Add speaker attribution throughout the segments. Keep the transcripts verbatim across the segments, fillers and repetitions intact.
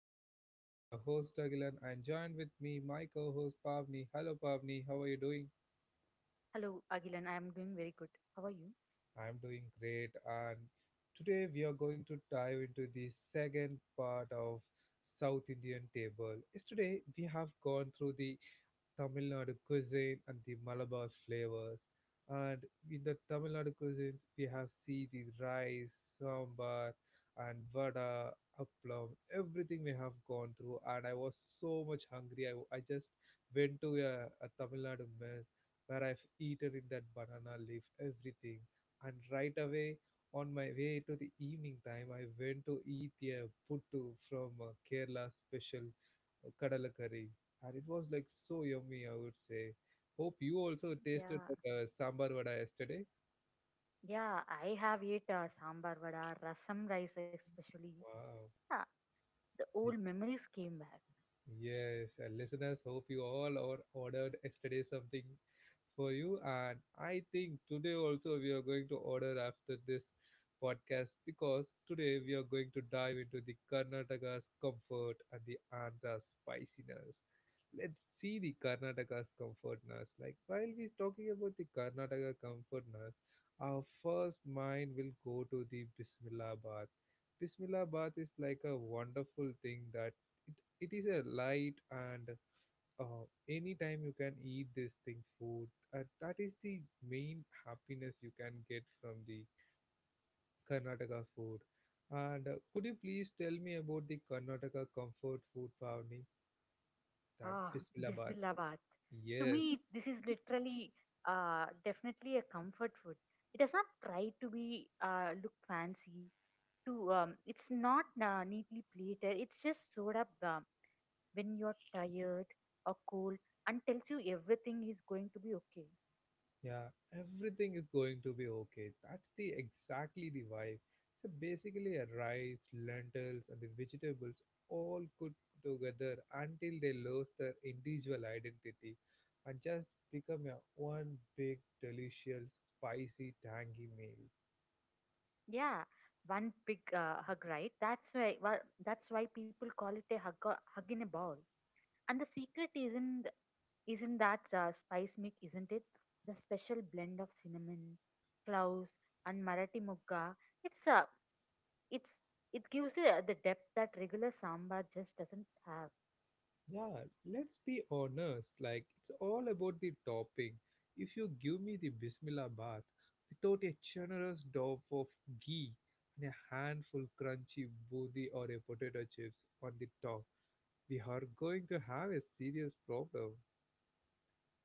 Speaker 1: podcast. This is your host Agilan and joined with me my co-host Pavni. Hello Pavni, how are you doing?
Speaker 2: Hello, Agilan. I am doing very good. How are you?
Speaker 1: I'm doing great and today we are going to dive into the second part of South Indian table. Yesterday we have gone through the Tamil Nadu cuisine and the Malabar flavors. And in the Tamil Nadu cuisine, we have see the rice, sambar, and vada, appam. Everything we have gone through, and I was so much hungry. I, I just went to a, a Tamil Nadu mess where I've eaten in that banana leaf, everything. And right away, on my way to the evening time, I went to eat a puttu from uh, Kerala special uh, kadala curry and it was like so yummy, I would say. Hope you also tasted
Speaker 2: Yeah,
Speaker 1: that uh, sambar vada yesterday.
Speaker 2: yeah. I have ate uh, sambar vada, rasam rice especially.
Speaker 1: Wow.
Speaker 2: Yeah, the old memories came back.
Speaker 1: Yes, and listeners, hope you all or ordered yesterday something for you. And I think today also we are going to order after this podcast because today we are going to dive into the Karnataka's comfort and the Andhra's spiciness. Let's see the Karnataka's comfortness. Like while we're talking about the Karnataka comfortness, our first mind will go to the Bismillah bath. Bismillah bath is like a wonderful thing that it it is a light and uh, anytime you can eat this thing food, uh, that is the main happiness you can get from the karnataka food. And uh, could you please tell me about the karnataka comfort food, Pavni, that
Speaker 2: Ah,
Speaker 1: bismillah?
Speaker 2: Bismillah baat. To
Speaker 1: Yes.
Speaker 2: me, this is literally, uh, definitely a comfort food. It does not try to be uh, look fancy. To um, It's not uh, neatly plated. It's just sort up uh, when you're tired or cold and tells you everything is going to be okay.
Speaker 1: Yeah, everything is going to be okay. That's the exactly the vibe. So basically, a rice, lentils, and the vegetables all cooked together until they lose their individual identity and just become a one big, delicious, spicy, tangy meal.
Speaker 2: Yeah, one big uh, hug, right? That's why wha- that's why people call it a hug or- hug in a ball. And the secret isn't isn't that uh, spice mix, isn't it? The special blend of cinnamon, cloves, and Marathi mugga. It's uh, it's it gives uh, the depth that regular sambar just doesn't have.
Speaker 1: Yeah, let's be honest. Like, it's all about the topping. If you give me the Bismillah bath without a generous dollop of ghee and a handful crunchy booty or a potato chips on the top, we are going to have a serious problem.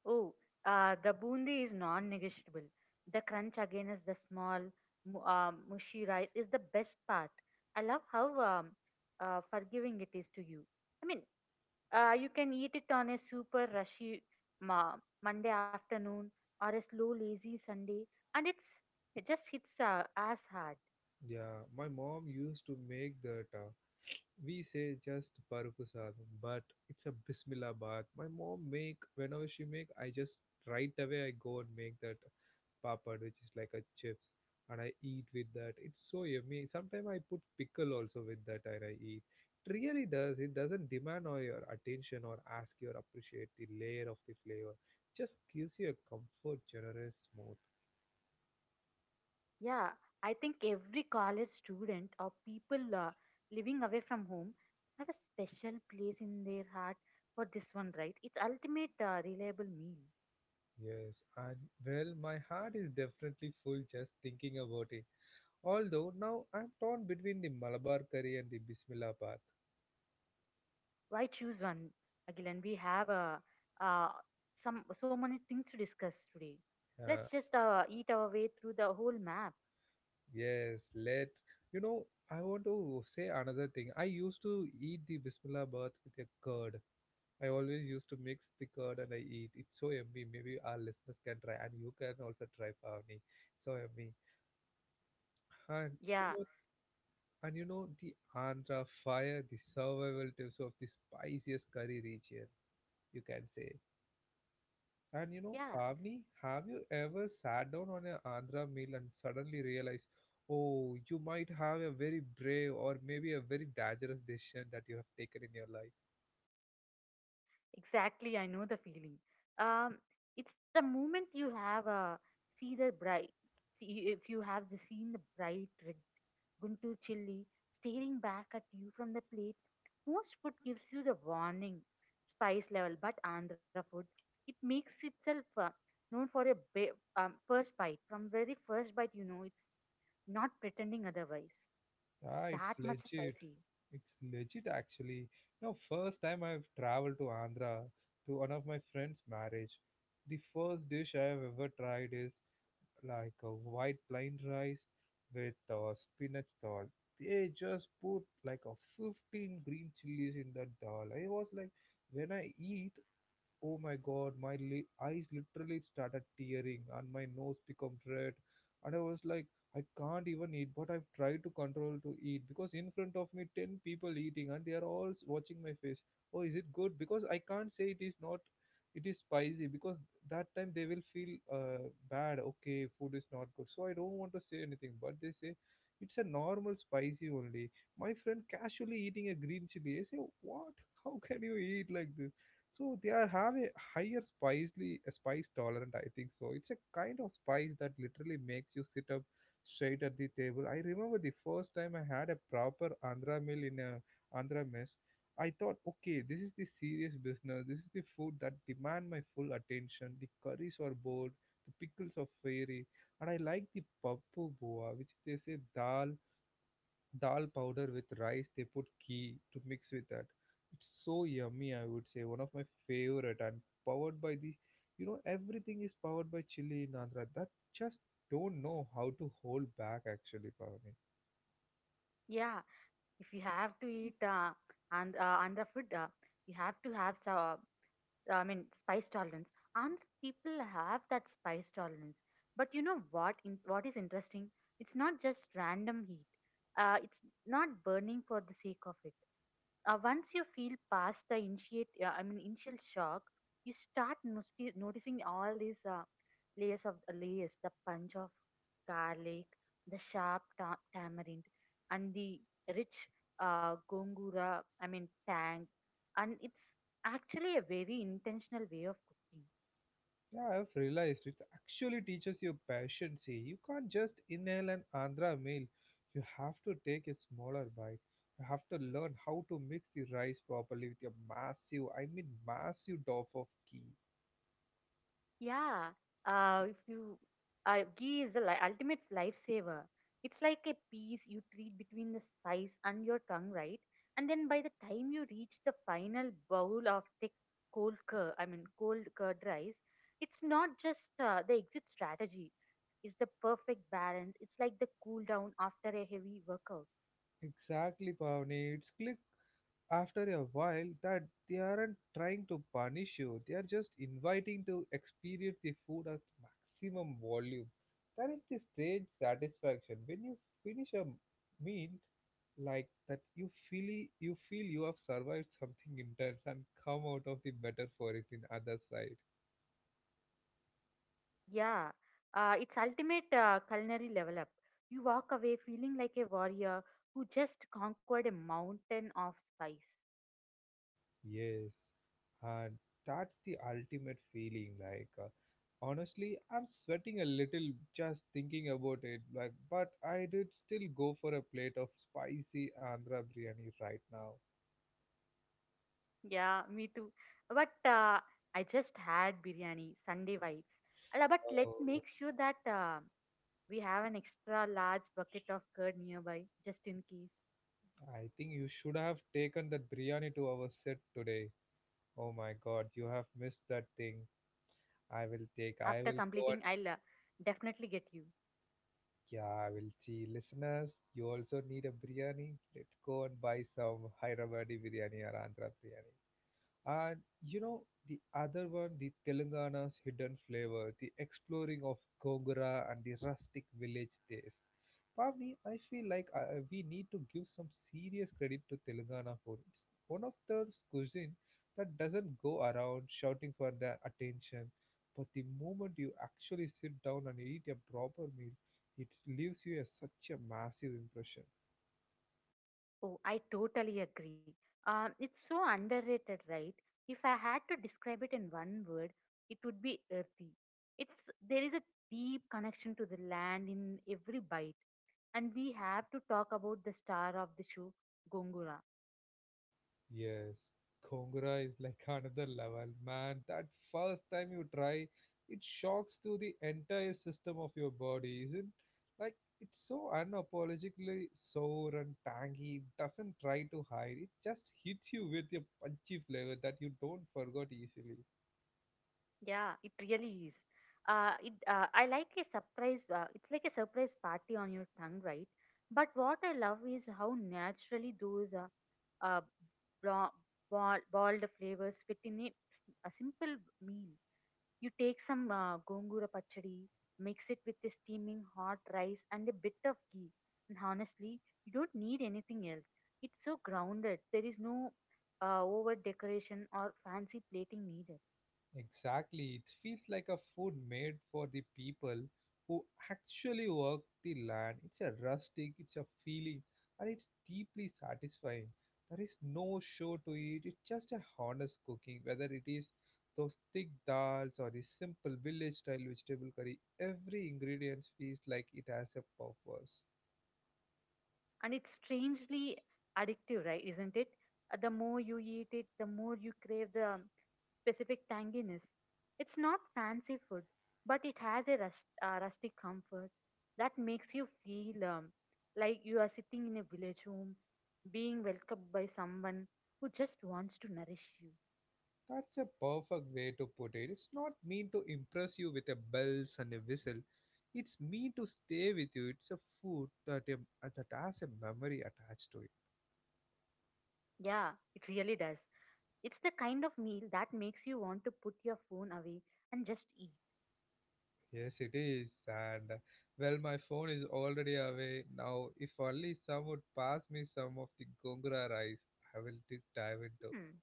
Speaker 2: Oh, uh, the bundi is non-negotiable. The crunch again is the small, mu- uh, mushy rice is the best part. I love how um, uh, forgiving it is to you. I mean, uh, you can eat it on a super rushy ma- Monday afternoon or a slow, lazy Sunday, and it's it just hits uh, as hard.
Speaker 1: Yeah, my mom used to make that. Uh, we say just parukusadam, but it's a Bismillah bath. My mom make whenever she make, I just right away I go and make that papad, which is like a chips, and I eat with that. It's so yummy. Sometimes I put pickle also with that, and I eat. It really does. It doesn't demand all your attention or ask you to appreciate the layer of the flavor. Just gives you a comfort, generous, smooth.
Speaker 2: Yeah, I think every college student or people uh, living away from home have a special place in their heart for this one, right? It's ultimate uh, reliable meal.
Speaker 1: Yes, and well, my heart is definitely full just thinking about it. Although now I'm torn between the Malabar curry and the Bismillah bath.
Speaker 2: Why choose one, Agilan? We have uh, uh, some so many things to discuss today. Let's just uh, eat our way through the whole map.
Speaker 1: Yes, let's. You know, I want to say another thing. I used to eat the Bismillah bath with a curd. I always used to mix the curd and I eat. It's so yummy. Maybe our listeners can try, and you can also try, Pavni. So yummy. And you
Speaker 2: Yeah,
Speaker 1: know, and you know, the Andhra fire, the survival tips of the spiciest curry region, you can say. And you know,
Speaker 2: yeah,
Speaker 1: Pavni, have you ever sat down on an Andhra meal and suddenly realized, oh, you might have a very brave or maybe a very dangerous decision that you have taken in your life?
Speaker 2: exactly. I know the feeling. Um, it's the moment you have uh, see the bright. See if you have the seen the bright red Guntur chilli, staring back at you from the plate. Most food gives you the warning spice level, but Andhra food, it makes itself uh, known for a ba- um, first bite. From very first bite, you know it's not pretending otherwise.
Speaker 1: Ah,
Speaker 2: It's
Speaker 1: it's
Speaker 2: that much
Speaker 1: legit.
Speaker 2: spicy.
Speaker 1: It's legit actually. You know, first time I've traveled to Andhra to one of my friend's marriage, the first dish I have ever tried is like a white plain rice with a spinach dal. They just put like a fifteen green chilies in that dal. I was like, when I eat, oh my god, my li- eyes literally started tearing and my nose became red. And I was like, I can't even eat, but I've tried to control to eat because in front of me, ten people eating and they are all s- watching my face. Oh, is it good? Because I can't say it is not, it is spicy, because that time they will feel uh, bad. Okay, food is not good. So I don't want to say anything, but they say it's a normal spicy only. My friend casually eating a green chili. I say, what? How can you eat like this? So they are have a higher spicely spice tolerant, I think so. It's a kind of spice that literally makes you sit up straight at the table. I remember the first time I had a proper Andhra meal in a Andhra mess. I thought, okay, this is the serious business. This is the food that demand my full attention. The curries are bold, the pickles are fiery, and I like the pappu boa, which they say dal dal powder with rice. They put ghee to mix with that. It's so yummy, I would say. One of my favorite, and powered by the, you know, everything is powered by chili in Andhra. That just don't know how to hold back actually, Pavani.
Speaker 2: Yeah, if you have to eat uh, and uh, Andhra food, uh, you have to have some, I mean, spice tolerance. And people have that spice tolerance. But you know what? In, what is interesting? It's not just random heat. Uh, it's not burning for the sake of it. Uh, once you feel past the initiate, uh, I mean, initial shock, you start noti- noticing all these uh, layers of uh, layers: the punch of garlic, the sharp ta- tamarind, and the rich uh, gongura. I mean, tang, and it's actually, a very intentional way of cooking.
Speaker 1: Yeah, I've realized it actually teaches you patience. See, you can't just inhale an Andhra meal. You have to take a smaller bite. You have to learn how to mix the rice properly with your massive, I mean massive doff of ghee.
Speaker 2: Yeah, uh, if you uh, ghee is the li- ultimate lifesaver. It's like a piece you treat between the spice and your tongue, right? And then by the time you reach the final bowl of thick cold curd, I mean cold curd rice, it's not just uh, the exit strategy. It's the perfect balance. It's like the cool down after a heavy workout.
Speaker 1: Exactly, Pavani. It's click after a while that they aren't trying to punish you, they are just inviting to experience the food at maximum volume. That is the strange satisfaction when you finish a meal like that. You feel you feel you have survived something intense and come out of the better for it in other side.
Speaker 2: Yeah, uh, it's ultimate uh, culinary level up. You walk away feeling like a warrior who just conquered a mountain of spice.
Speaker 1: Yes, and that's the ultimate feeling. Like, uh, honestly, I'm sweating a little just thinking about it. Like, but I did still go for a plate of spicy Andhra biryani right now.
Speaker 2: Yeah, me too. But uh, I just had biryani, Sunday vibes. Ala, but let
Speaker 1: Oh,
Speaker 2: make sure that uh, we have an extra large bucket of curd nearby, just in case.
Speaker 1: I think you should have taken that biryani to our set today. Oh my God, you have missed that thing. I will take. I
Speaker 2: After
Speaker 1: will go
Speaker 2: completing,
Speaker 1: and
Speaker 2: I'll uh, definitely get you.
Speaker 1: yeah, I will see. Listeners, you also need a biryani. Let's go and buy some Hyderabadi biryani or Andhra biryani. And you know, the other one, the Telangana's hidden flavor, the exploring of Gongora and the rustic village taste. Pavni, I feel like uh, uh, we need to give some serious credit to Telangana for it's one of the cuisine that doesn't go around shouting for the attention, but the moment you actually sit down and eat a proper meal, it leaves you a, such a massive impression.
Speaker 2: Oh, I totally agree. Um, it's so underrated, right? If I had to describe it in one word, it would be earthy. It's There is a deep connection to the land in every bite, and we have to talk about the star of the show, Gongura.
Speaker 1: Yes, Khongra is like another level, man. That first time you try, it shocks to the entire system of your body, isn't? Like it's so unapologetically sour and tangy. It doesn't try to hide. It just hits you with a punchy flavor that you don't forget easily.
Speaker 2: Yeah, it really is. Uh, it uh, I like a surprise. Uh, it's like a surprise party on your tongue, right? But what I love is how naturally those uh, uh, blo- ball, boiled flavors fit in a, s- a simple meal. You take some uh, gongura pachadi, mix it with a steaming hot rice and a bit of ghee, and honestly, you don't need anything else. It's so grounded. There is no uh, over decoration or fancy plating needed.
Speaker 1: Exactly. It feels like a food made for the people who actually work the land. It's a rustic, it's a feeling, and it's deeply satisfying. There is no show to it. It's just a honest cooking, whether it is those thick dals or the simple village style vegetable curry. Every ingredient feels like it has a purpose.
Speaker 2: And it's strangely addictive, right? Isn't it? Uh, the more you eat it, the more you crave the specific tanginess. It's not fancy food, but it has a rust, uh, rustic comfort that makes you feel um, like you are sitting in a village home, being welcomed by someone who just wants to nourish you.
Speaker 1: That's a perfect way to put it. It's not meant to impress you with a bells and a whistle. It's meant to stay with you. It's a food that a, that has a memory attached to it.
Speaker 2: Yeah, it really does. It's the kind of meal that makes you want to put your phone away and just eat.
Speaker 1: Yes, it is. And uh, well, my phone is already away now. If only some would pass me some of the gongura rice, I will di- dive into.
Speaker 2: Hmm.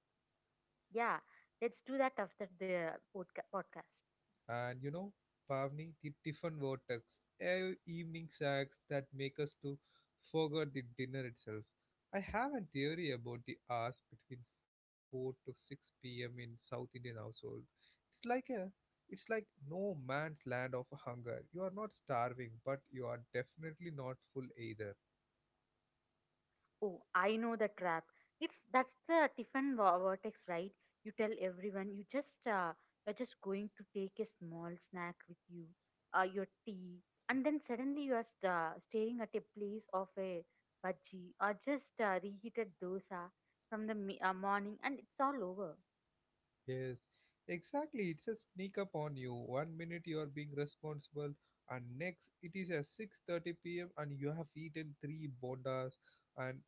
Speaker 2: Yeah, let's do that after the podca- podcast.
Speaker 1: And you know, Pavni, the Tiffin vortex, ev- evening snacks that make us to forget the dinner itself. I have a theory about the hours between four to six p m in South Indian household. It's like a, it's like no man's land of hunger. You are not starving, but you are definitely not full either.
Speaker 2: Oh, I know the trap. It's That's the Tiffin vo- vortex, right? You tell everyone you just uh, you're just going to take a small snack with you, uh, your tea, and then suddenly you are st- uh, staring at a place of a budgie or just uh, reheated dosa from the mi- uh, morning, and it's all over.
Speaker 1: Yes, exactly. It's a sneak up on you. One minute you are being responsible, and next it is at six thirty p m and you have eaten three bondas, and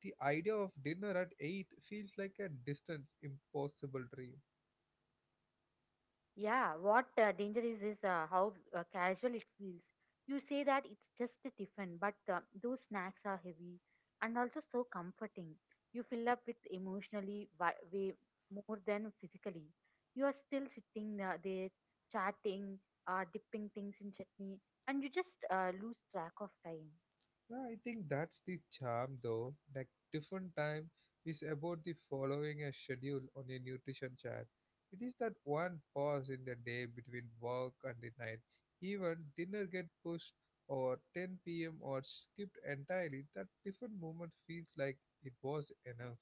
Speaker 1: the idea of dinner at eight feels like a distant, impossible dream.
Speaker 2: Yeah, what uh, danger is is uh, how uh, casual it feels. You say that it's just a tiffin, but uh, those snacks are heavy and also so comforting. You fill up with emotionally wi- way more than physically. You are still sitting uh, there chatting, uh, dipping things in chutney, and you just uh, lose track of time.
Speaker 1: Yeah, I think that's the charm though. Like different time is about the following a schedule on a nutrition chart. It is that one pause in the day between work and the night. Even dinner get pushed or ten p m or skipped entirely. That different moment feels like it was enough.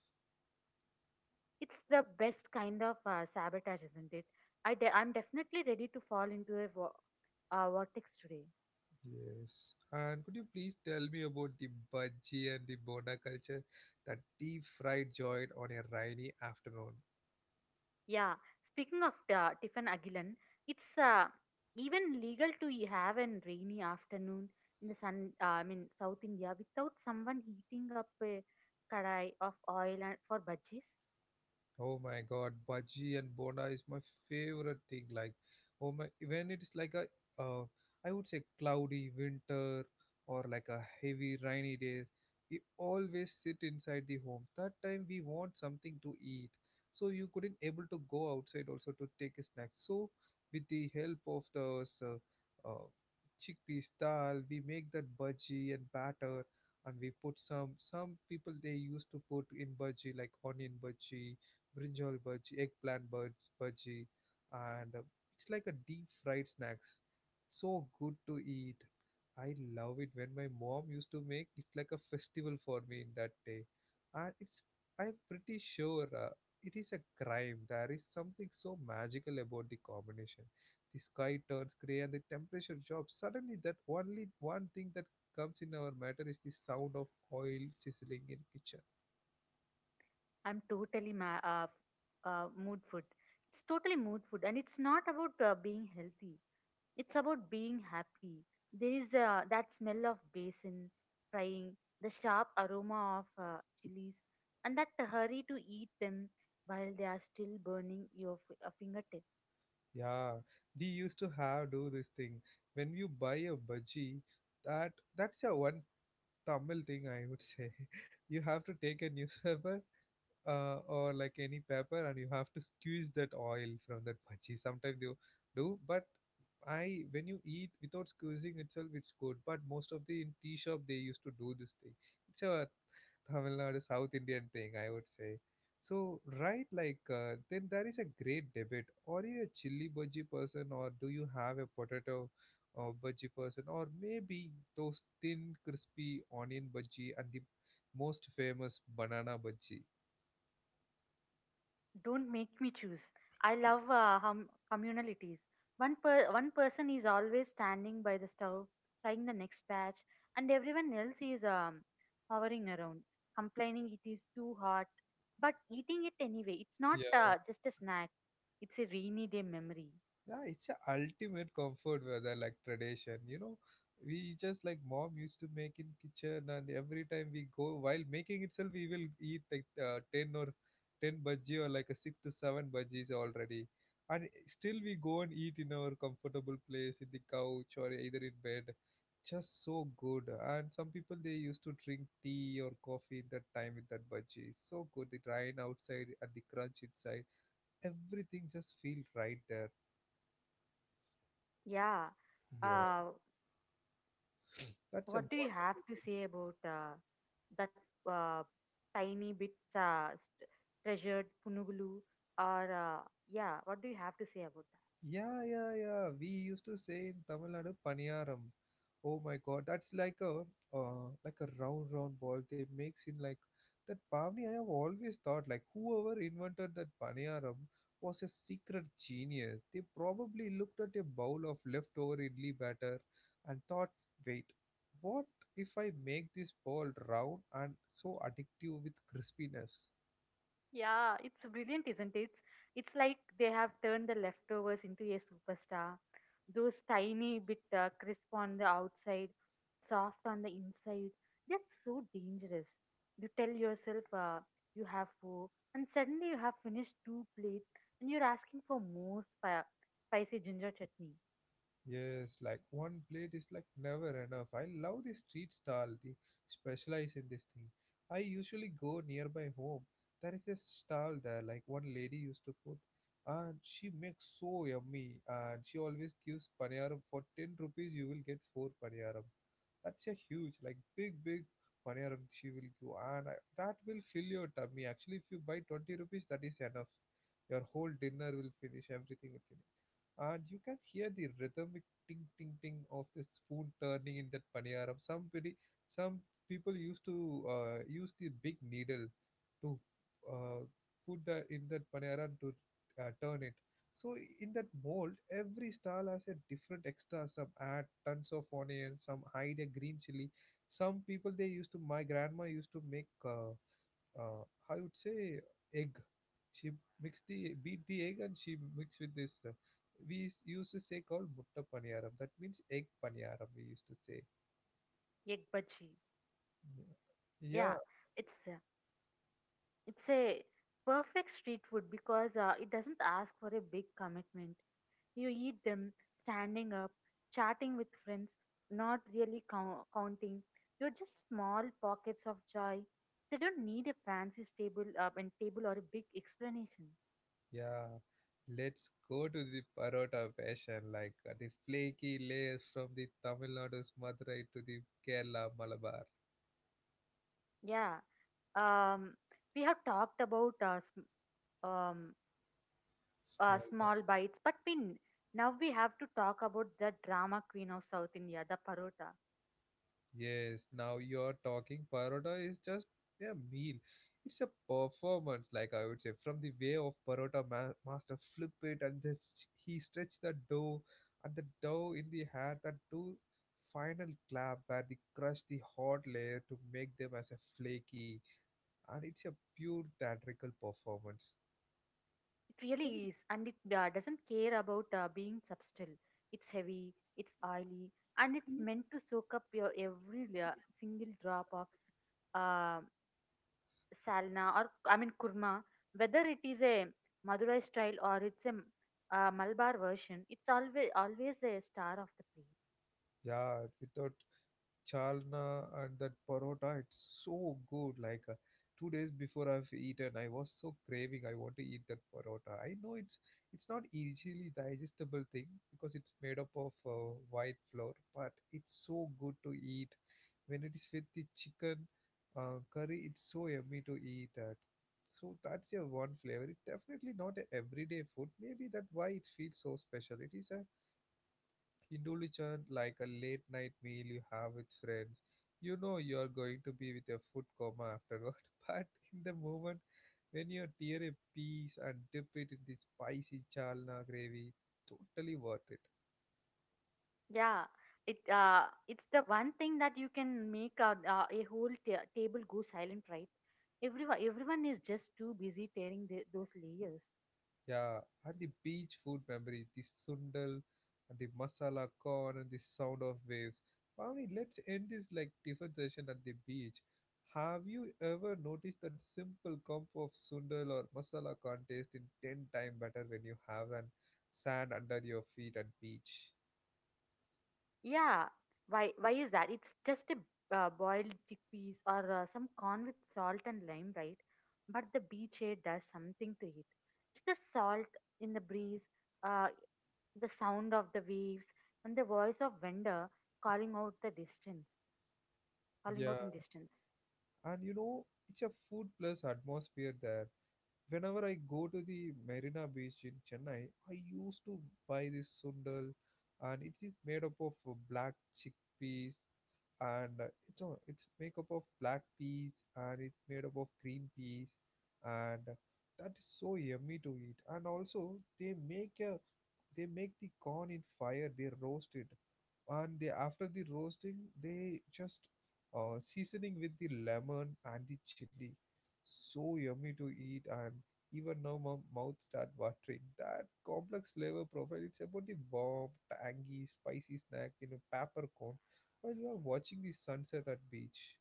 Speaker 2: It's the best kind of uh, sabotage, isn't it? I de- I'm definitely ready to fall into a vo- uh, vortex today.
Speaker 1: Yes. And could you please tell me about the budgie and the boda culture, that deep fried joint on a rainy afternoon?
Speaker 2: Yeah, speaking of uh, Tiffin Agilon, it's uh, even legal to y- have a rainy afternoon in the sun, uh, I mean, South India, without someone heating up a kadai of oil and for bhajis.
Speaker 1: Oh my god, bhaji and bonda is my favorite thing. Like, oh my, when it's like a, uh, I would say cloudy winter or like a heavy rainy day, we always sit inside the home. That time we want something to eat, so you couldn't able to go outside also to take a snack. So, with the help of the uh, uh, chickpeas dal, we make that bhaji and batter, and we put some. Some people they used to put in bhaji like onion bhaji brinjal bhaji, eggplant bhaj- bhaji, and uh, it's like a deep fried snacks. So good to eat. I love it when my mom used to make it like a festival for me in that day. And it's I'm pretty sure uh, it is a crime. There is something so magical about the combination. The sky turns grey and the temperature drops. Suddenly, that only one thing that comes in our matter is the sound of oil sizzling in kitchen.
Speaker 2: I'm totally ma- uh, uh, mood food. It's totally mood food, and it's not about uh, being healthy. It's about being happy. There is uh, that smell of basin frying, the sharp aroma of uh, chilies, and that hurry to eat them while they are still burning your f- uh, fingertips.
Speaker 1: Yeah, we used to have do this thing when you buy a budgie, that that's a one Tamil thing, I would say. You have to take a newspaper uh, or like any paper and you have to squeeze that oil from that bhaji. Sometimes you do, but I when you eat without squeezing itself, it's good. But most of the in tea shop they used to do this thing. It's a Tamil Nadu South Indian thing, I would say. So right, like uh, then there is a great debate. Are you a chili bhaji person or do you have a potato or bhaji person, or maybe those thin, crispy onion bhaji and the most famous banana bhaji.
Speaker 2: Don't make me choose. I love uh, hum- communalities. One per- one person is always standing by the stove, frying the next batch, and everyone else is um, hovering around, complaining it is too hot, but eating it anyway. It's not
Speaker 1: Yeah,
Speaker 2: uh, just a snack. It's a rainy day memory.
Speaker 1: Yeah, it's a ultimate comfort weather like tradition. You know, we just like mom used to make in kitchen, and every time we go while making itself, we will eat like uh, ten or ten bhaji or like a six to seven bhajis already, and still we go and eat in our comfortable place in the couch or either in bed. Just so good. And some people they used to drink tea or coffee in that time with that bhaji. So good. The rain outside and the crunch inside. Everything just feel right there.
Speaker 2: Yeah.
Speaker 1: Yeah.
Speaker 2: Uh,
Speaker 1: That's a
Speaker 2: what do you have
Speaker 1: wonderful
Speaker 2: to
Speaker 1: thing.
Speaker 2: say about uh, that uh, tiny bit uh, st- treasured punugulu or uh, yeah? What do you have to say about that?
Speaker 1: Yeah, yeah, yeah. We used to say in Tamil Nadu, paniyaram. Oh my God, that's like a uh, like a round round ball they makes in like that Pavni. I have always thought like whoever invented that paniyaram was a secret genius. They probably looked at a bowl of leftover idli batter and thought, wait, what if I make this ball round and so addictive with crispiness?
Speaker 2: Yeah, it's brilliant, isn't it? It's like they have turned the leftovers into a superstar. Those tiny bit uh, crisp on the outside, soft on the inside. That's so dangerous. You tell yourself uh, you have four, and suddenly you have finished two plates, and you're asking for more spi- spicy ginger chutney,
Speaker 1: Yes, like one plate is like never enough. I love the street stall. They specialize in this thing. I usually go nearby home. There is a stall there, like one lady used to put, and she makes so yummy. And she always gives paniyaram for ten rupees. You will get four paniyaram. That's a huge, like big, big paniyaram she will give, and I, that will fill your tummy. Actually, if you buy twenty rupees, that is enough. Your whole dinner will finish. Everything will finish and you can hear the rhythmic ting ting ting of the spoon turning in that paniyaram. Some pretty, some people used to uh, use the big needle to uh, put that in that paniyaram to uh, turn it. So in that mold, every stall has a different extra. Some add tons of onion, some hide a green chili. Some people they used to. My grandma used to make. Uh, uh, I would say egg. She mix the beat the egg and she mix with this. Uh, we s- used to say called mutta paniyaram. That means egg paniyaram. We used to say.
Speaker 2: egg bhaji.
Speaker 1: Yeah, yeah.
Speaker 2: Yeah, it's uh, It's a perfect street food because uh, it doesn't ask for a big commitment. You eat them standing up, chatting with friends, not really count- counting. You're just small pockets of joy. They don't need a fancy stable uh, and table or a big explanation.
Speaker 1: yeah. Let's go to the parota fashion, like uh, the flaky layers from the Tamil Nadu's Madurai to the Kerala Malabar.
Speaker 2: Yeah. Um, we have talked about uh, sm- um, uh,
Speaker 1: Small.
Speaker 2: small bites, but we, n- now we have to talk about the drama queen of South India, the parota.
Speaker 1: Yes, now you're talking. Parota is just a meal. It's a performance, like I would say, from the way of Parota ma- master flip it and this, he stretch the dough and the dough in the hand and do final clap where they crush the hot layer to make them as a flaky. And it's a pure theatrical performance.
Speaker 2: It really is, and it uh, doesn't care about uh, being subtle. It's heavy, it's oily, and it's meant to soak up your every la- single drop of uh, salna, or I mean kurma. Whether it is a Madurai style, or it's a uh, Malabar version, it's always always a star of the plate.
Speaker 1: Yeah, without chalna and that parota. It's so good. Like uh, two days before I've eaten, I was so craving. I want to eat that parota. I know it's it's not easily digestible thing because it's made up of uh, white flour, but it's so good to eat. When it is with the chicken uh, curry, it's so yummy to eat that. So that's your one flavor. It's definitely not a everyday food. Maybe that why it feels so special. It is a Kindulichan like a late night meal you have with friends. You know you're going to be with a food coma afterward, but in the moment when you tear a piece and dip it in the spicy chalna gravy, totally worth it.
Speaker 2: Yeah, it uh, it's the one thing that you can make a, uh, a whole ta- table go silent, right? Everyone everyone is just too busy tearing the, those layers.
Speaker 1: Yeah, and the beach food memory, the sundal, and the masala corn, and the sound of waves. Pavni, let's end this like different session at the beach. Have you ever noticed that simple cup of sundal or masala corn tastes in ten times better when you have an sand under your feet at beach?
Speaker 2: Yeah, why why is that? It's just a uh, boiled chickpeas or uh, some corn with salt and lime, right? But the beach air does something to it. It's the salt in the breeze, uh, the sound of the waves, and the voice of vendor calling out the distance, calling
Speaker 1: Yeah,
Speaker 2: out in distance.
Speaker 1: and you know it's a food plus atmosphere there. Whenever I go to the Marina Beach in Chennai, I used to buy this sundal, and it is made up of uh, black chickpeas, and uh, it's all it's made up of black peas, and it's made up of green peas, and that is so yummy to eat. And also, they make a they make the corn in fire. They roast it, and they after the roasting, they just uh, seasoning with the lemon and the chili so yummy to eat and even now, my mouth start watering. That complex flavor profile, it's about the warm, tangy, spicy snack in a paper cone while you are watching the sunset at beach.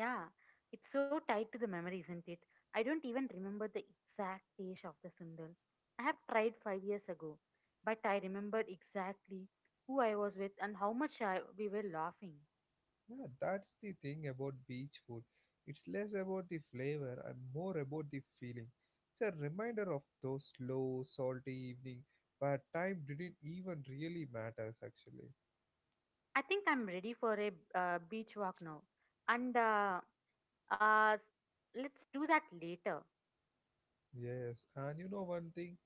Speaker 2: Yeah, it's so tied to the memory, isn't it? I don't even remember the exact taste of the sundal I have tried five years ago, but I remembered exactly who I was with and how much I, we were laughing.
Speaker 1: Yeah, that's the thing about beach food. It's less about the flavor and more about the feeling. It's a reminder of those slow, salty evening where time didn't even really matters actually.
Speaker 2: I think I'm ready for a uh, beach walk now, and uh, uh, let's do that later.
Speaker 1: Yes, and you know one thing,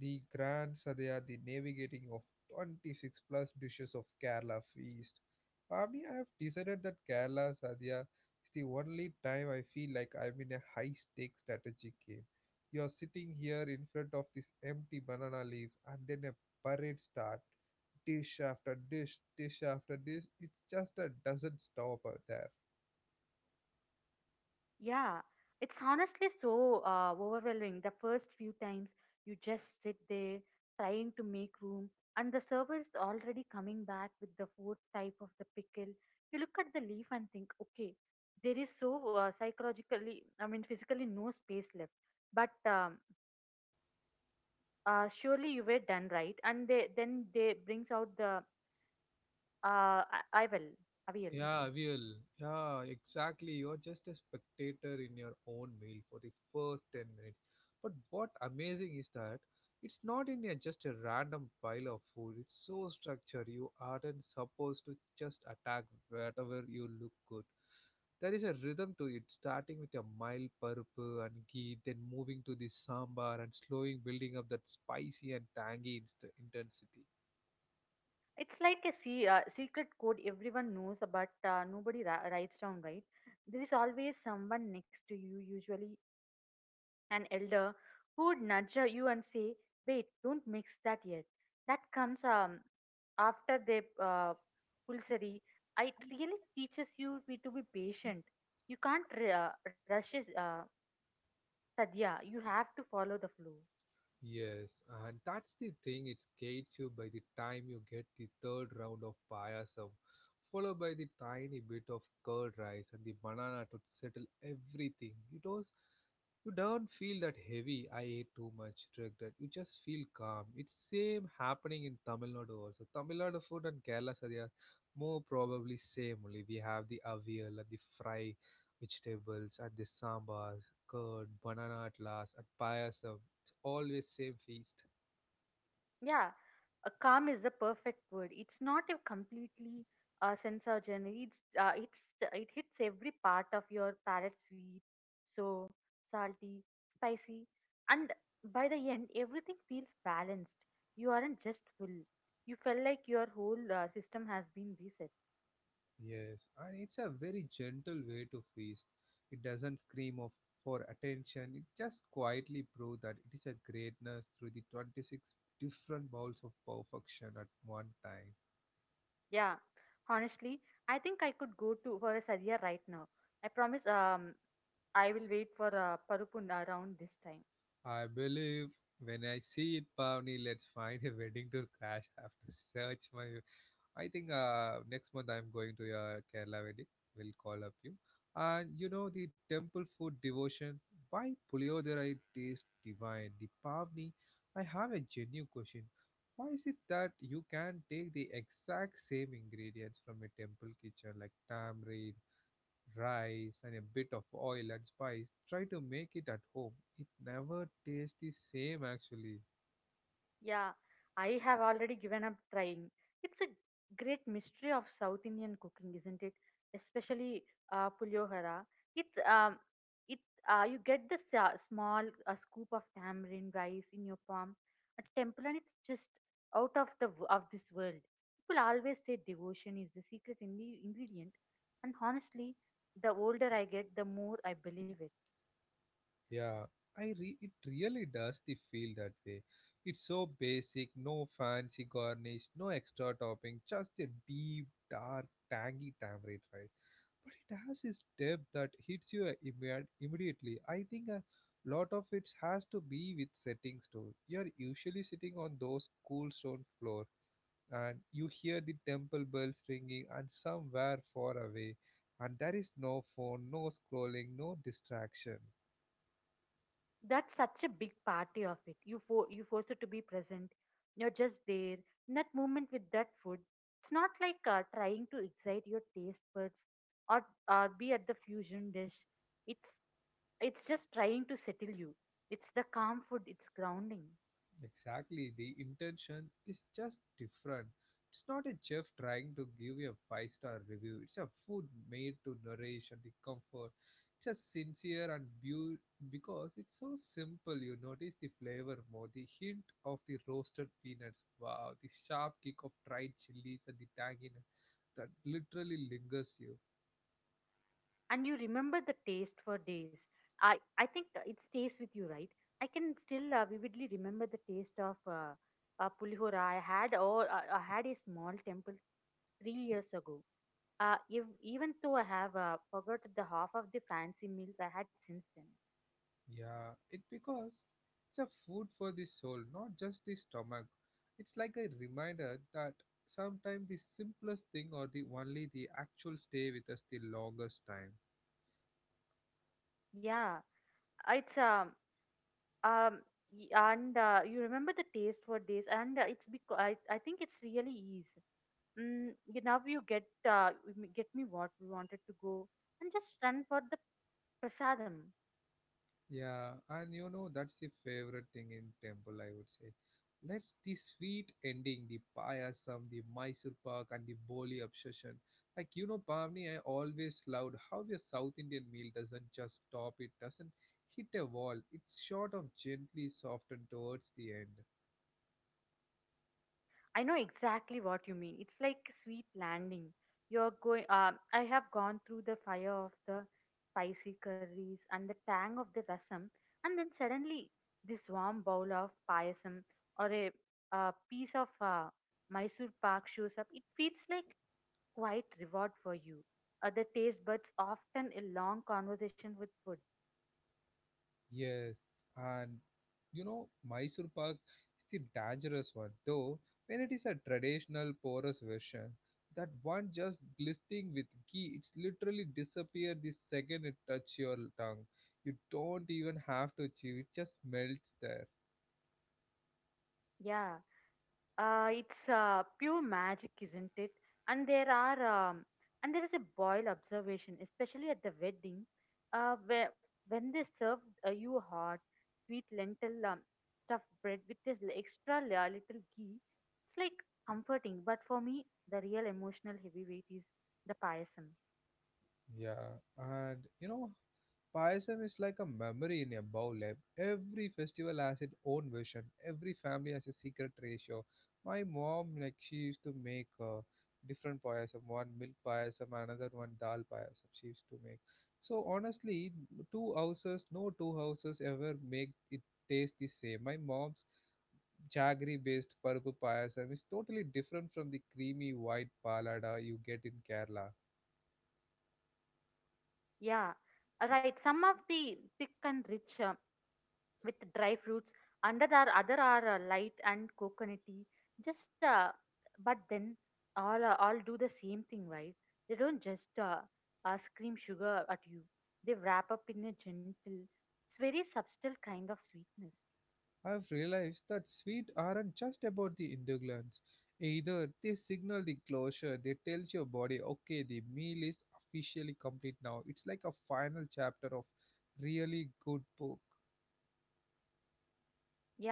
Speaker 1: the Grand Sadhya, the navigating of twenty-six plus dishes of Kerala feast. Probably I have decided that Kerala Sadhya is the only time I feel like I'm in a high stakes strategic game. You're sitting here in front of this empty banana leaf, and then a parade start, dish after dish, dish after dish. It just uh, doesn't stop out there.
Speaker 2: Yeah, it's honestly so uh, overwhelming. The first few times you just sit there trying to make room, and the server is already coming back with the fourth type of the pickle. You look at the leaf and think, okay, there is so uh, psychologically, I mean, physically no space left. But um, uh, surely you were done, right, and they, then they brings out the uh, I- I will, I will.
Speaker 1: Yeah, will. Yeah, exactly. You're just a spectator in your own meal for the first ten minutes. But what amazing is that it's not in a, just a random pile of food. It's so structured. You aren't supposed to just attack wherever you look good. There is a rhythm to it, starting with a mild purple and ghee, then moving to the sambar and slowing building up that spicy and tangy inst- intensity.
Speaker 2: It's like a se- uh, secret code everyone knows, but uh, nobody ra- writes down, right? There is always someone next to you, usually an elder, who would nudge uh, you and say, "Wait, don't mix that yet." That comes um, after the uh, pulsary. It really teaches you be- to be patient. You can't r- uh, rush uh, sadhya. You have to follow the flow.
Speaker 1: Yes, and that's the thing, it scares you by the time you get the third round of payasam, followed by the tiny bit of curd rice and the banana to settle everything. It was you don't feel that heavy, I ate too much, regret. You just feel calm. It's same happening in Tamil Nadu also. Tamil Nadu food and Kerala sadhya more probably same only. We have the avial and the fry vegetables and the sambars, curd, banana at last, and payasam always say feast.
Speaker 2: Yeah, a calm is the perfect word. It's not a completely uh, censogen. It's uh, it's it hits every part of your palate: sweet, so salty, spicy, and by the end, everything feels balanced. You aren't just full. You felt like your whole uh, system has been reset.
Speaker 1: Yes, and it's a very gentle way to feast. It doesn't scream of for attention. It just quietly proves that it is a greatness through the twenty-six different bowls of perfection at one time.
Speaker 2: Yeah, honestly, I think I could go to for a sadhya right now. I promise. Um, I will wait for uh, parupun around this time.
Speaker 1: I believe when I see it, Pavni, let's find a wedding to crash after search my I think uh, next month I'm going to uh, Kerala wedding. We'll call up you. And you know the temple food devotion. Why Puliyodara tastes divine? The Pavni. I have a genuine question. Why is it that you can take the exact same ingredients from a temple kitchen like tamarind, rice, and a bit of oil and spice, try to make it at home? It never tastes the same actually.
Speaker 2: Yeah, I have already given up trying. It's a great mystery of South Indian cooking, isn't it? Especially uh, puliyohara. It's um, it uh, you get the sa- small uh, scoop of tamarind rice in your palm at temple, and it's just out of the w- of this world. People always say devotion is the secret in ingredient, and honestly, the older I get, the more I believe it.
Speaker 1: Yeah, I re- it really does the feel that way. It's so basic, no fancy garnish, no extra topping, just a deep, dark, tangy tamarind rice. But it has this depth that hits you uh, imme- immediately. I think a lot of it has to be with settings too. You're usually sitting on those cool stone floor, and you hear the temple bells ringing, and somewhere far away, and there is no phone, no scrolling, no distraction.
Speaker 2: That's such a big party of it. You for you force it to be present. You're just there in that moment with that food. It's not like uh, trying to excite your taste buds or or be at the fusion dish. It's it's just trying to settle you. It's the calm food. It's grounding,
Speaker 1: Exactly, the intention is just different. It's not a chef trying to give you a five star review, it's a food made to nourish and the comfort. It's a sincere and beau because it's so simple. You notice the flavor more, the hint of the roasted peanuts, wow, the sharp kick of dried chilies, and the tanginess that literally lingers you.
Speaker 2: and you remember the taste for days. I I think it stays with you, right? I can still uh, vividly remember the taste of. Uh, uh, Pulihora. I had or I I had a small temple three years ago. Uh, if, even though I have uh, forgot the half of the fancy meals I had since then.
Speaker 1: Yeah, it because it's a food for the soul, not just the stomach. It's like a reminder that sometimes the simplest thing or the only the actual stay with us the longest time.
Speaker 2: Yeah, it's um um y- and uh, you remember the taste for this, and uh, it's because I, I think it's really is. Mm, you now you get uh, m- get me what we wanted to go and just run for the prasadam.
Speaker 1: Yeah, and you know that's the favorite thing in temple, I would say. Let's the sweet ending, the payasam, the Mysore pak, and the boli obsession. Like you know, Pavni, I always loved how the South Indian meal doesn't just stop; it doesn't hit a wall. It's sort of gently softened towards the end.
Speaker 2: I know exactly what you mean. It's like a sweet landing. You're going. Uh, I have gone through the fire of the spicy curries and the tang of the rasam, and then suddenly this warm bowl of payasam or a, uh piece of uh, Mysore pak shows up. It feels like quite reward for you. Uh, the taste buds often a long conversation with food.
Speaker 1: Yes, and you know, Mysore Pak is the dangerous one, though, when it is a traditional porous version, that one just glistening with ghee, it's literally disappear the second it touch your tongue. You don't even have to chew, it just melts there.
Speaker 2: Yeah. Uh, it's uh, pure magic, isn't it? And there are um, and there is a boil observation, especially at the wedding, uh, where when they serve uh, you hot, sweet lentil um, stuffed bread with this l- extra la- little ghee. It's like comforting, but for me, the real emotional heavyweight is the payasam.
Speaker 1: Yeah, and you know, Payasam is like a memory in a bowl. Like every festival has its own version. Every family has a secret ratio. My mom, like she used to make uh, different payasam, one milk payasam, another one dal payasam. She used to make. So honestly, two houses, no two houses ever make it taste the same. My mom's jaggery-based paruppu payasam is totally different from the creamy white palada you get in Kerala.
Speaker 2: Yeah, uh, right. Some of the thick and rich. Um, with dry fruits. Under are other are uh, light and coconutty. Just uh, but then all uh, all do the same thing, right? They don't just uh, uh, scream sugar at you. They wrap up in a gentle, it's very subtle kind of sweetness.
Speaker 1: I've realized that sweet aren't just about the endurance. Either they signal the closure, they tells your body, okay, the meal is officially complete now. It's like a final chapter of really good book.
Speaker 2: Yeah.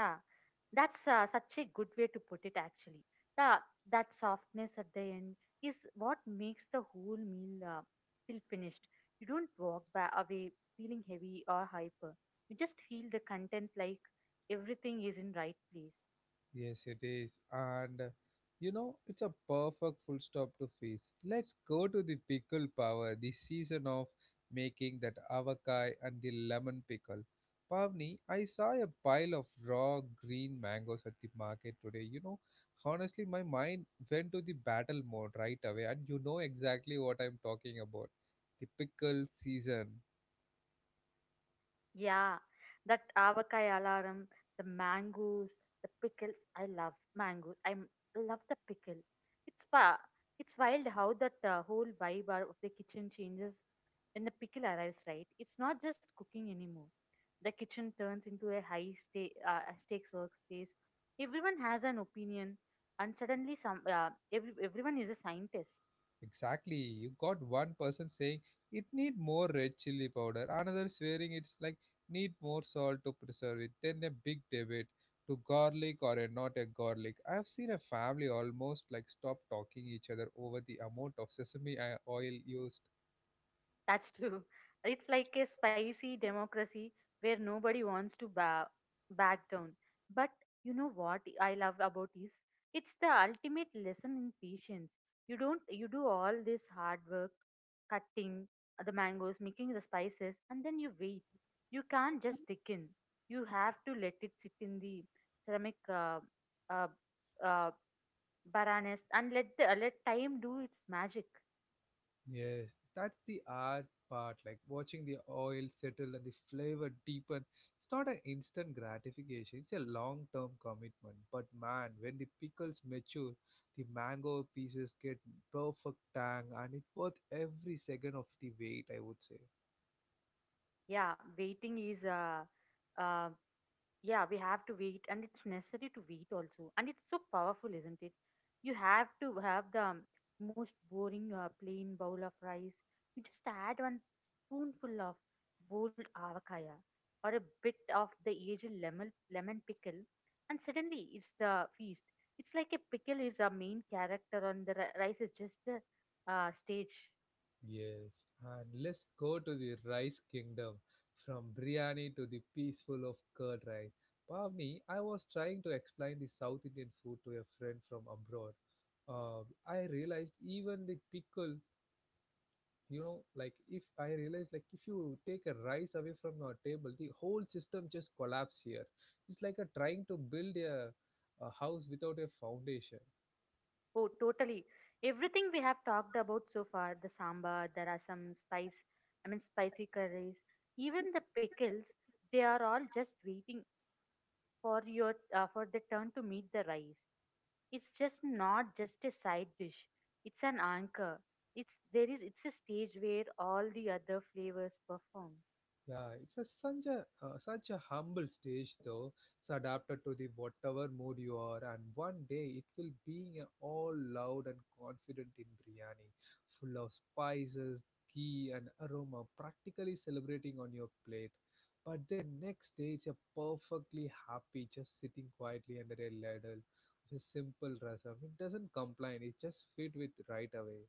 Speaker 2: that's uh, such a good way to put it, actually. The, that softness at the end is what makes the whole meal uh, feel finished. You don't walk ba- away feeling heavy or hyper. You just feel the content like everything is in right place.
Speaker 1: Yes, it is. And uh, you know, it's a perfect full stop to feast. Let's go to the pickle power, the season of making that avakai and the lemon pickle. Pavni, I saw a pile of raw green mangoes at the market today. You know, honestly, my mind went to the battle mode right away, and you know exactly what I'm talking about. The pickle season.
Speaker 2: Yeah, that avakai alarm, the mangoes, the pickles. I love mangoes. I m- love the pickle. It's fa- It's wild how that uh, whole vibe are- of the kitchen changes when the pickle arrives. Right? It's not just cooking anymore. The kitchen turns into a high sta- uh, a stakes workspace. Everyone has an opinion, and suddenly some uh, every, everyone is a scientist.
Speaker 1: Exactly. You got one person saying it need more red chili powder, another swearing it's like need more salt to preserve it. Then a big debate to garlic or a not a garlic. I've seen a family almost like stop talking each other over the amount of sesame uh, oil used.
Speaker 2: That's true. It's like a spicy democracy where nobody wants to ba- back down. But you know what I love about is it's the ultimate lesson in patience. You don't you do all this hard work, cutting the mangoes, making the spices, and then you wait. You can't just stick in. You have to let it sit in the ceramic uh, uh, uh, baranes and let the let time do its magic.
Speaker 1: Yes, that's the art part, like watching the oil settle and the flavor deepen. It's not an instant gratification, it's a long term commitment. But man, when the pickles mature, the mango pieces get perfect tang and it's worth every second of the wait, I would say.
Speaker 2: Yeah, waiting is uh, um yeah we have to wait and it's necessary to wait also and it's so powerful isn't it you have to have the um, most boring uh, plain bowl of rice you just add one spoonful of boiled avocado or a bit of the aged lemon lemon pickle and suddenly it's the feast it's like a pickle is a main character and the ri- rice is just the uh, stage.
Speaker 1: Yes, and let's go to the rice kingdom from biryani to the peaceful of curd rice. Pavni, I was trying to explain the South Indian food to a friend from abroad. Uh, I realized even the pickle, you know, like if I realized like if you take a rice away from your table, the whole system just collapse here. It's like a trying to build a, a house without a foundation.
Speaker 2: Oh, totally. Everything we have talked about so far, the sambar, there are some spice, I mean spicy curries, even the pickles, they are all just waiting for your uh, for their turn to meet the rice. It's just not just a side dish. It's an anchor. It's there is it's a stage where all the other flavors perform.
Speaker 1: Yeah, it's a, such a uh, such a humble stage though. It's adapted to the whatever mood you are, and one day it will be a all loud and confident in biryani, full of spices, ghee, and aroma, practically celebrating on your plate. But the next day, it's a perfectly happy, just sitting quietly under a ladle, just simple rasam. It doesn't complain. It just fit with right away.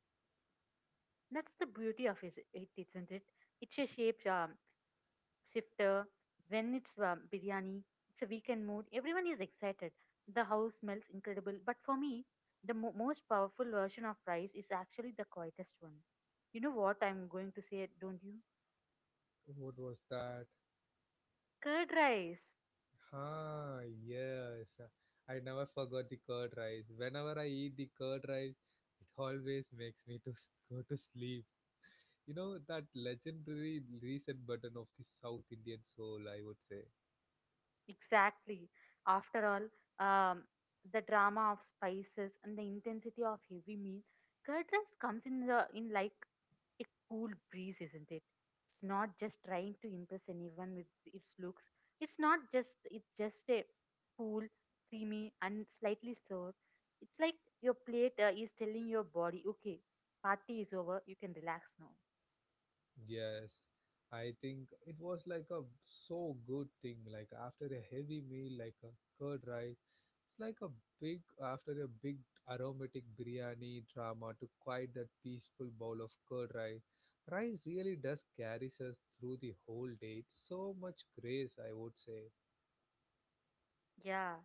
Speaker 2: That's the beauty of is- it, isn't it? It's a shape um, shifter. When it's um, biryani, it's a weekend mood. Everyone is excited. The house smells incredible. But for me, the mo- most powerful version of rice is actually the quietest one. You know what I'm going to say, don't you?
Speaker 1: What was that?
Speaker 2: Curd rice.
Speaker 1: Ah, yes. I never forgot the curd rice. Whenever I eat the curd rice, it always makes me to s- go to sleep. You know that legendary reset button of the South Indian soul, I would say.
Speaker 2: Exactly. After all, um, the drama of spices and the intensity of heavy meal, curd rice comes in the in like a cool breeze, isn't it? It's not just trying to impress anyone with its looks. It's not just it's just a cool, creamy, and slightly sour. It's like your plate uh, is telling your body, okay, party is over, you can relax now.
Speaker 1: Yes, I think it was like a so good thing. Like after a heavy meal, like a curd rice, it's like a big after a big aromatic biryani drama to quite that peaceful bowl of curd rice. Rice really does carries us through the whole day. It's so much grace, I would say.
Speaker 2: Yeah.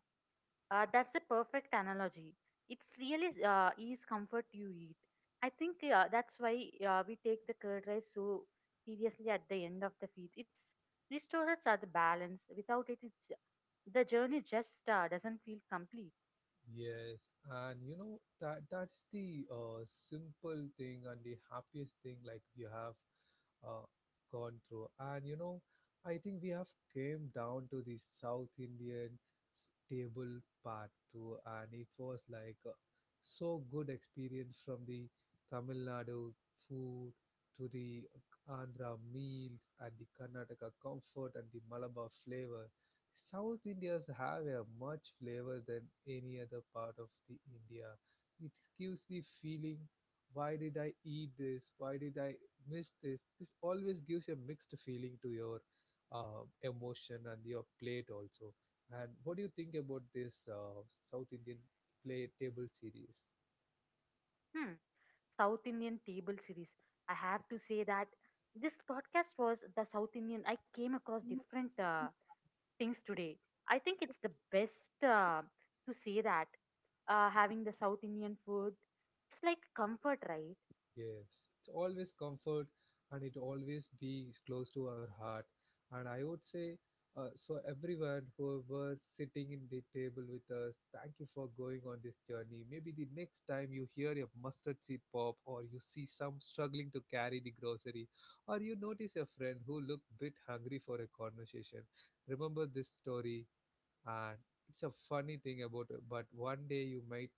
Speaker 2: Uh, that's a perfect analogy. It's really uh, is comfort you eat. I think uh, that's why uh, we take the curd rice so seriously at the end of the feed. It's restores are the balance. Without it, it's the journey just uh, doesn't feel complete.
Speaker 1: Yes, and you know that that's the uh, simple thing and the happiest thing like you have uh, gone through. And you know, I think we have came down to the South Indian s- table part two, and it was like uh, so good experience from the Tamil Nadu food to the Andhra meals and the Karnataka comfort and the Malabar flavor. South Indians have a much flavor than any other part of the India. It gives the feeling, why did I eat this? Why did I miss this? This always gives a mixed feeling to your uh, emotion and your plate also. And what do you think about this uh, South Indian play table series?
Speaker 2: Hmm. South Indian table series. I have to say that this podcast was the South Indian. I came across different uh, things today. I think it's the best uh, to say that uh, having the South Indian food, it's like comfort, right?
Speaker 1: Yes, it's always comfort and it always be close to our heart. And I would say, uh, so everyone who was sitting in the table with us, thank you for going on this journey. Maybe the next time you hear a mustard seed pop, or you see some struggling to carry the grocery, or you notice a friend who looked bit hungry for a conversation, remember this story and it's a funny thing about it but one day you might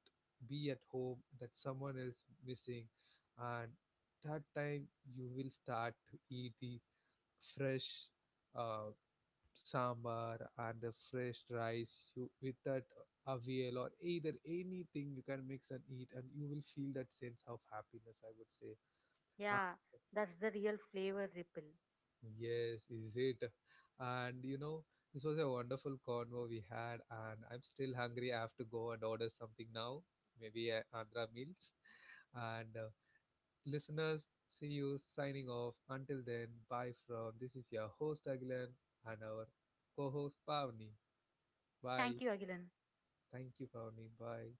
Speaker 1: be at home that someone is missing and that time you will start to eat the fresh uh, sambar and the fresh rice you with that avial or either anything you can mix and eat and you will feel that sense of happiness I would say.
Speaker 2: Yeah, that's the real flavor ripple.
Speaker 1: Yes, is it? And you know, this was a wonderful convo we had, and I'm still hungry. I have to go and order something now, maybe a Andhra meals. And uh, listeners, see you signing off. Until then, bye from this is your host Agilan and our co-host Pavni.
Speaker 2: Thank
Speaker 1: Bye.
Speaker 2: you, Agilan.
Speaker 1: Thank you, Pavni. Bye.